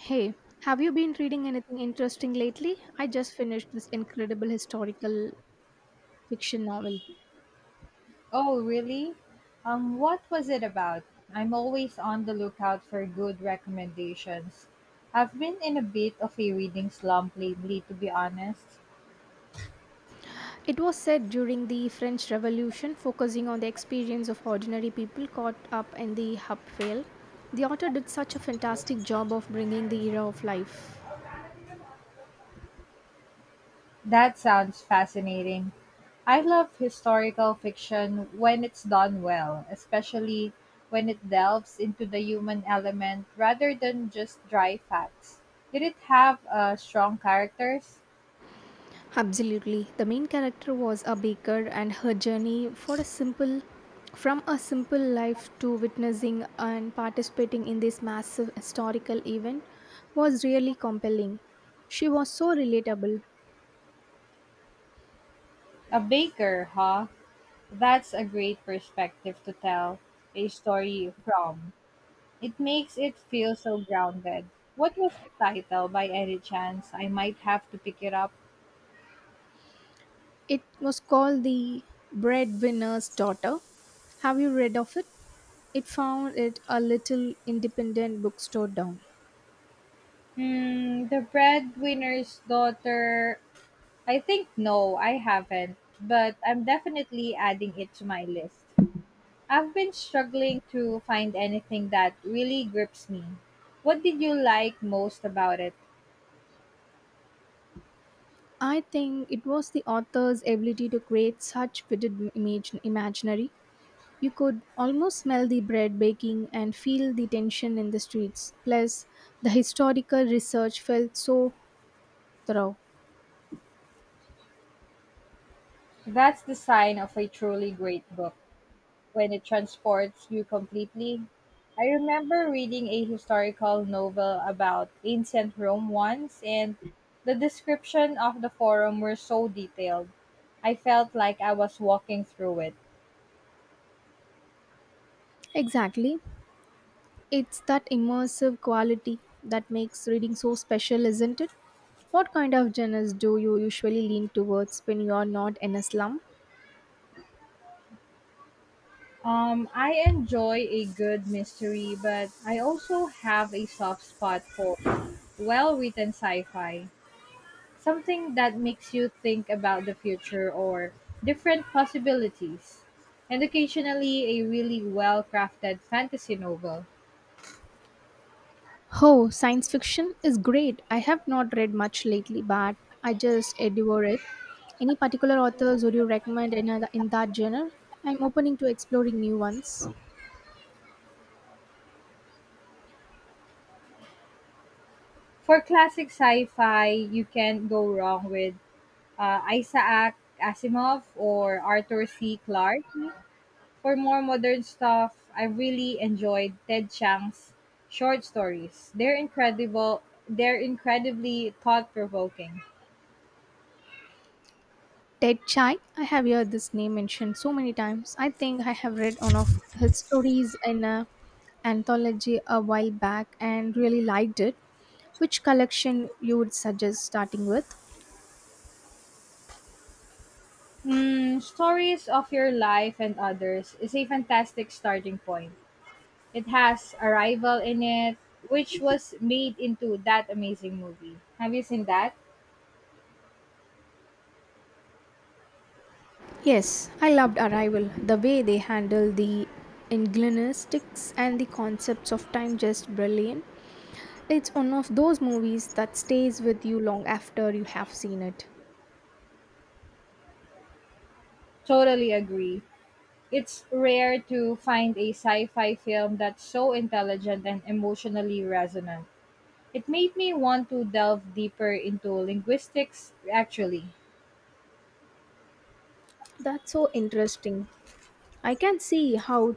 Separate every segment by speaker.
Speaker 1: Hey, have you been reading anything interesting lately? I just finished this incredible historical fiction novel.
Speaker 2: Oh, really? What was it about? I'm always on the lookout for good recommendations. I've been in a bit of a reading slump lately, to be honest.
Speaker 1: It was set during the French Revolution, focusing on the experience of ordinary people caught up in the upheaval. The author did such a fantastic job of bringing the era of life.
Speaker 2: That sounds fascinating. I love historical fiction when it's done well, especially when it delves into the human element rather than just dry facts. Did it have strong characters?
Speaker 1: Absolutely. The main character was a baker and her journey for a simple from a simple life to witnessing and participating in this massive historical event was really compelling. She was so relatable.
Speaker 2: A baker, huh? That's a great perspective to tell a story from. It makes it feel so grounded. What was the title by any chance? I might have to pick it up.
Speaker 1: It was called The Breadwinner's Daughter. Have you read of it? It found it a little independent bookstore down.
Speaker 2: Hmm, The Breadwinner's Daughter. I think no, I haven't, but I'm definitely adding it to my list. I've been struggling to find anything that really grips me. What did you like most about it?
Speaker 1: I think it was the author's ability to create such vivid imaginary. You could almost smell the bread baking and feel the tension in the streets. Plus, the historical research felt so thorough.
Speaker 2: That's the sign of a truly great book, when it transports you completely. I remember reading a historical novel about ancient Rome once, and the description of the forum were so detailed. I felt like I was walking through it.
Speaker 1: Exactly. It's that immersive quality that makes reading so special, isn't it? What kind of genres do you usually lean towards when you are not in a slump?
Speaker 2: I enjoy a good mystery, but I also have a soft spot for well written sci fi, something that makes you think about the future or different possibilities, and occasionally a really well crafted fantasy novel.
Speaker 1: Oh, science fiction is great. I have not read much lately, but I just adore it. Any particular authors would you recommend in that genre? I'm opening to exploring new ones.
Speaker 2: For classic sci fi, you can't go wrong with Isaac Asimov or Arthur C. Clarke. For more modern stuff, I really enjoyed Ted Chiang's short stories. They're incredible. They're incredibly thought provoking.
Speaker 1: Ted Chai, I have heard this name mentioned so many times. I think I have read one of his stories in a anthology a while back and really liked it. Which collection you would suggest starting with?
Speaker 2: Hmm, stories of your life and others is a fantastic starting point. It has Arrival in it, which was made into that amazing movie. Have you seen that?
Speaker 1: Yes, I loved Arrival. The way they handle the inglenistics and the concepts of time just brilliant. It's one of those movies that stays with you long after you have seen it.
Speaker 2: Totally agree. It's rare to find a sci fi film that's so intelligent and emotionally resonant. It made me want to delve deeper into linguistics, actually.
Speaker 1: That's so interesting. I can see how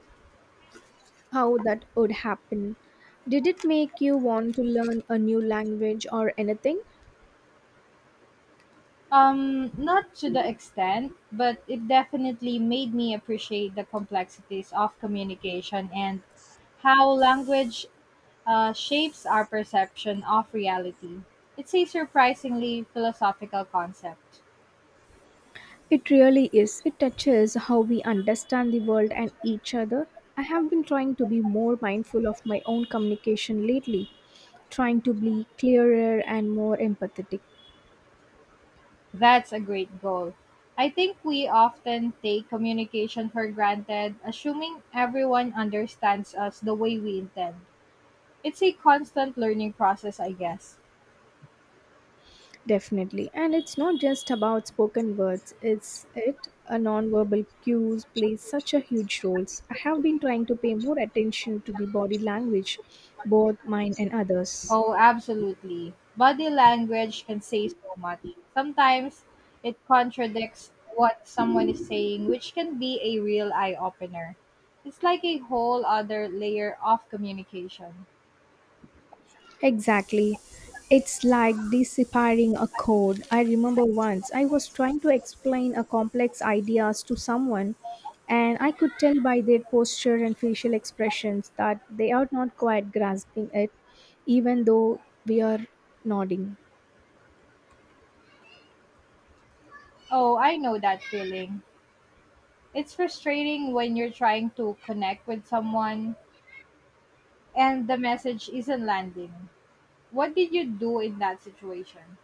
Speaker 1: how that would happen. Did it make you want to learn a new language or anything?
Speaker 2: Not to the extent, but it definitely made me appreciate the complexities of communication and how language shapes our perception of reality. It's a surprisingly philosophical concept.
Speaker 1: It really is. It touches how we understand the world and each other. I have been trying to be more mindful of my own communication lately, trying to be clearer and more empathetic.
Speaker 2: That's a great goal. I think we often take communication for granted, assuming everyone understands us the way we intend. It's a constant learning process, I guess.
Speaker 1: Definitely. And it's not just about spoken words, it's it a nonverbal cues play such a huge roles. I have been trying to pay more attention to the body language, both mine and others.
Speaker 2: Oh, absolutely. Body language can say so much. Sometimes it contradicts what someone is saying, which can be a real eye opener. It's like a whole other layer of communication.
Speaker 1: Exactly. It's like deciphering a code. I remember once I was trying to explain a complex ideas to someone and I could tell by their posture and facial expressions that they are not quite grasping it even though we are nodding.
Speaker 2: Oh, I know that feeling. It's frustrating when you're trying to connect with someone and the message isn't landing. What did you do in that situation?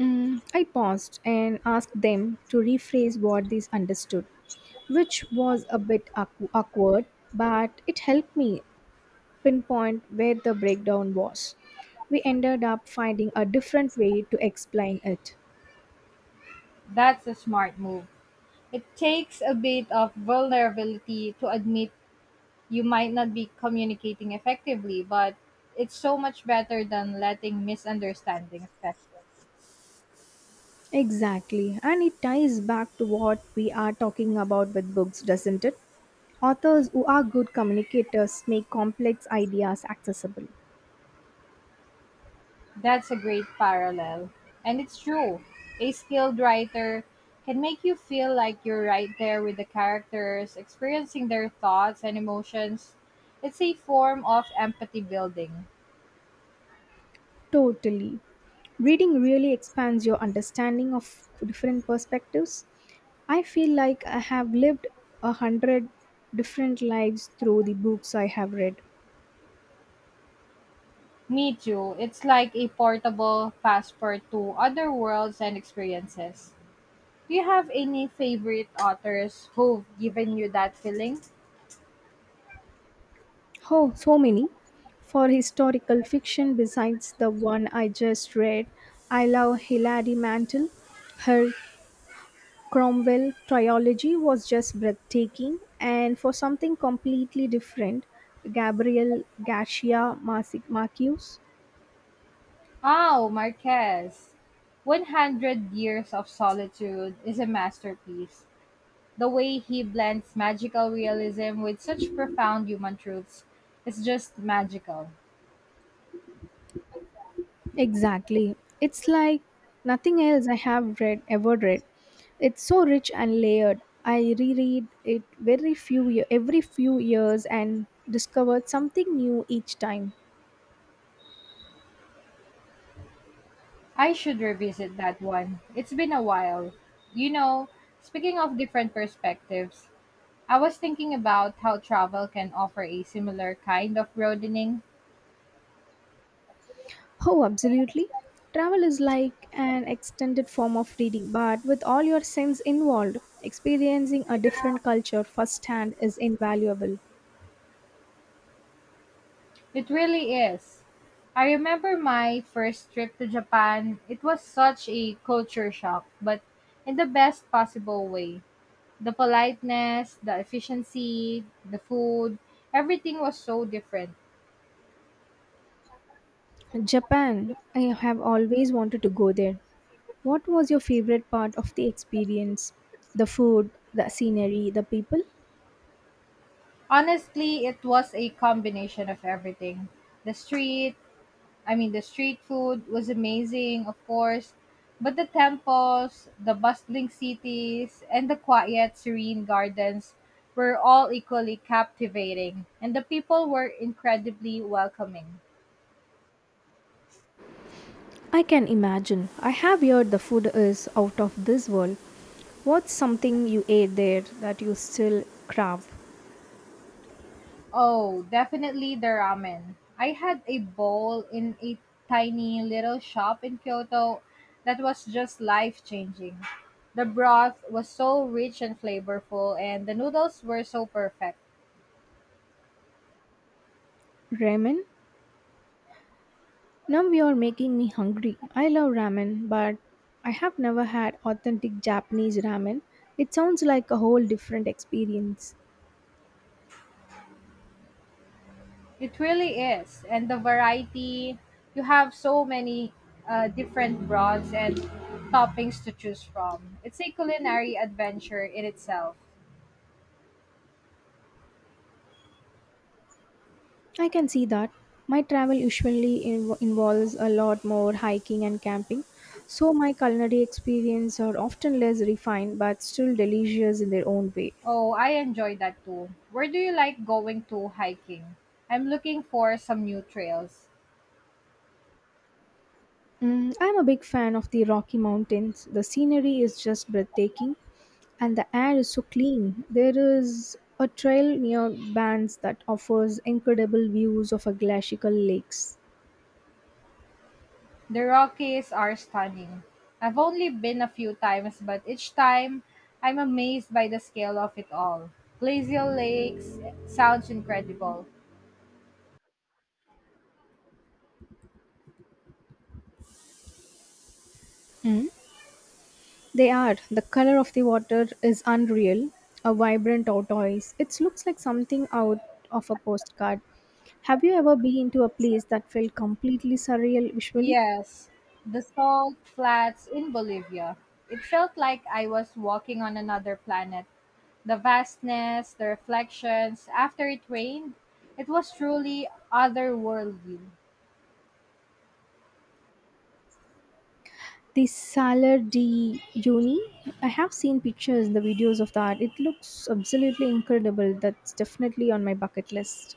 Speaker 1: I paused and asked them to rephrase what they understood, which was a bit awkward, but it helped me pinpoint where the breakdown was. We ended up finding a different way to explain it.
Speaker 2: That's a smart move. It takes a bit of vulnerability to admit you might not be communicating effectively, but it's so much better than letting misunderstanding affect it.
Speaker 1: Exactly, and it ties back to what we are talking about with books, doesn't it? Authors who are good communicators make complex ideas accessible.
Speaker 2: That's a great parallel. And it's true. A skilled writer can make you feel like you're right there with the characters, experiencing their thoughts and emotions. It's a form of empathy building.
Speaker 1: Totally. Reading really expands your understanding of different perspectives. I feel like I have lived a hundred different lives through the books I have read.
Speaker 2: Me too. It's like a portable passport to other worlds and experiences. Do you have any favorite authors who've given you that feeling?
Speaker 1: Oh, so many. For historical fiction, besides the one I just read, I love Hilary Mantel. Her Cromwell trilogy was just breathtaking, and for something completely different, Gabriel Garcia Marquez.
Speaker 2: Oh, Marquez. 100 Years of Solitude is a masterpiece. The way he blends magical realism with such profound human truths is just magical.
Speaker 1: Exactly. It's like nothing else I have read ever read. It's so rich and layered. I reread it very every few years and discovered something new each time.
Speaker 2: I should revisit that one. It's been a while. You know, speaking of different perspectives, I was thinking about how travel can offer a similar kind of broadening.
Speaker 1: Oh, absolutely. Travel is like an extended form of reading, but with all your sense involved, experiencing a different culture firsthand is invaluable.
Speaker 2: It really is. I remember my first trip to Japan. It was such a culture shock, but in the best possible way. The politeness, the efficiency, the food, everything was so different.
Speaker 1: Japan, I have always wanted to go there. What was your favorite part of the experience? The food, the scenery, the people?
Speaker 2: Honestly, it was a combination of everything: the street, the street food was amazing, of course, but the temples, the bustling cities, and the quiet, serene gardens were all equally captivating, and the people were incredibly welcoming.
Speaker 1: I can imagine. I have heard the food is out of this world. What's something you ate there that you still crave?
Speaker 2: Oh, definitely the ramen. I had a bowl in a tiny little shop in Kyoto that was just life changing. The broth was so rich and flavorful, and the noodles were so perfect.
Speaker 1: Ramen? Now you're making me hungry. I love ramen, but I have never had authentic Japanese ramen. It sounds like a whole different experience.
Speaker 2: It really is. And the variety, you have so many different broths and toppings to choose from. It's a culinary adventure in itself.
Speaker 1: I can see that. My travel usually involves a lot more hiking and camping, so my culinary experience are often less refined but still delicious in their own way.
Speaker 2: Oh, I enjoy that too. Where do you like going to hiking? I'm looking for some new trails.
Speaker 1: I'm a big fan of the Rocky Mountains. The scenery is just breathtaking and the air is so clean. There is a trail near Bands that offers incredible views of a glacial lakes.
Speaker 2: The Rockies are stunning. I've only been a few times, but each time I'm amazed by the scale of it all. Glacial Lakes sounds incredible.
Speaker 1: Mm, They are. The color of the water is unreal, a vibrant tortoise. It looks like something out of a postcard. Have you ever been to a place that felt completely surreal visually?
Speaker 2: Yes, the salt flats in Bolivia. It felt like I was walking on another planet. The vastness, the reflections, after it rained, it was truly otherworldly.
Speaker 1: The Salar di Uyuni, I have seen pictures, the videos of that. It looks absolutely incredible. That's definitely on my bucket list.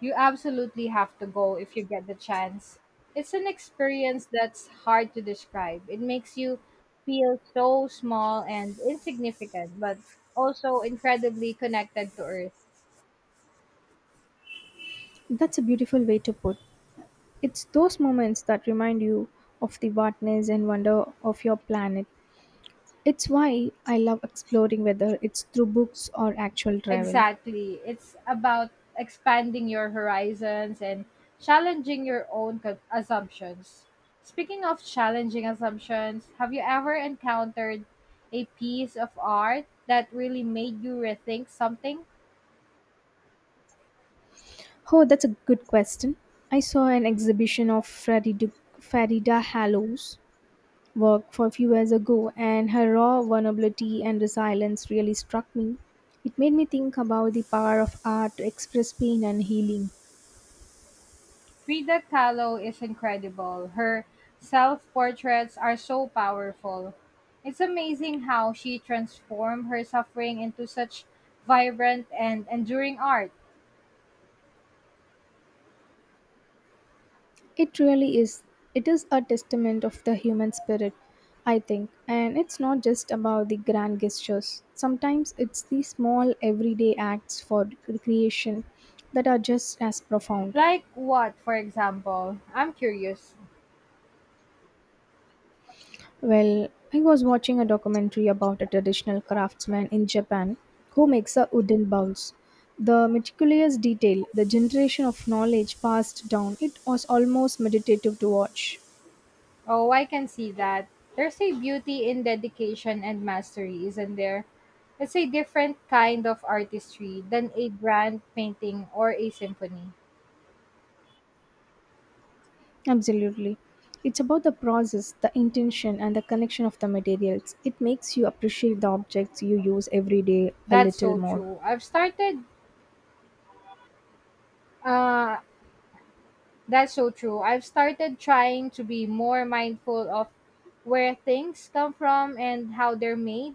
Speaker 2: You absolutely have to go if you get the chance. It's an experience that's hard to describe. It makes you feel so small and insignificant, but also incredibly connected to Earth.
Speaker 1: That's a beautiful way to put. It's those moments that remind you of the vastness and wonder of your planet. It's why I love exploring whether it's through books or actual travel.
Speaker 2: Exactly. It's about expanding your horizons and challenging your own assumptions. Speaking of challenging assumptions, have you ever encountered a piece of art that really made you rethink something?
Speaker 1: Oh, that's a good question. I saw an exhibition of Farida Hallows work for a few years ago, and her raw vulnerability and resilience really struck me. It made me think about the power of art to express pain and healing.
Speaker 2: Frida Kahlo is incredible. Her self portraits are so powerful. It's amazing how she transformed her suffering into such vibrant and enduring art.
Speaker 1: It really is. It is a testament of the human spirit, I think, and it's not just about the grand gestures. Sometimes it's the small everyday acts for creation that are just as profound.
Speaker 2: Like what, for example? I'm curious.
Speaker 1: Well, I was watching a documentary about a traditional craftsman in Japan who makes a wooden bowls. The meticulous detail, the generation of knowledge passed down, it was almost meditative to watch.
Speaker 2: Oh, I can see that. There's a beauty in dedication and mastery, isn't there? It's a different kind of artistry than a grand painting or a symphony.
Speaker 1: Absolutely. It's about the process, the intention, and the connection of the materials. It makes you appreciate the objects you use every day a
Speaker 2: That's
Speaker 1: little
Speaker 2: so
Speaker 1: more.
Speaker 2: true. I've started uh that's so true. I've started trying to be more mindful of where things come from and how they're made.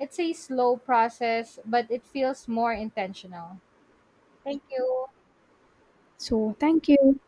Speaker 2: It's a slow process, but it feels more intentional. Thank you.
Speaker 1: So, thank you.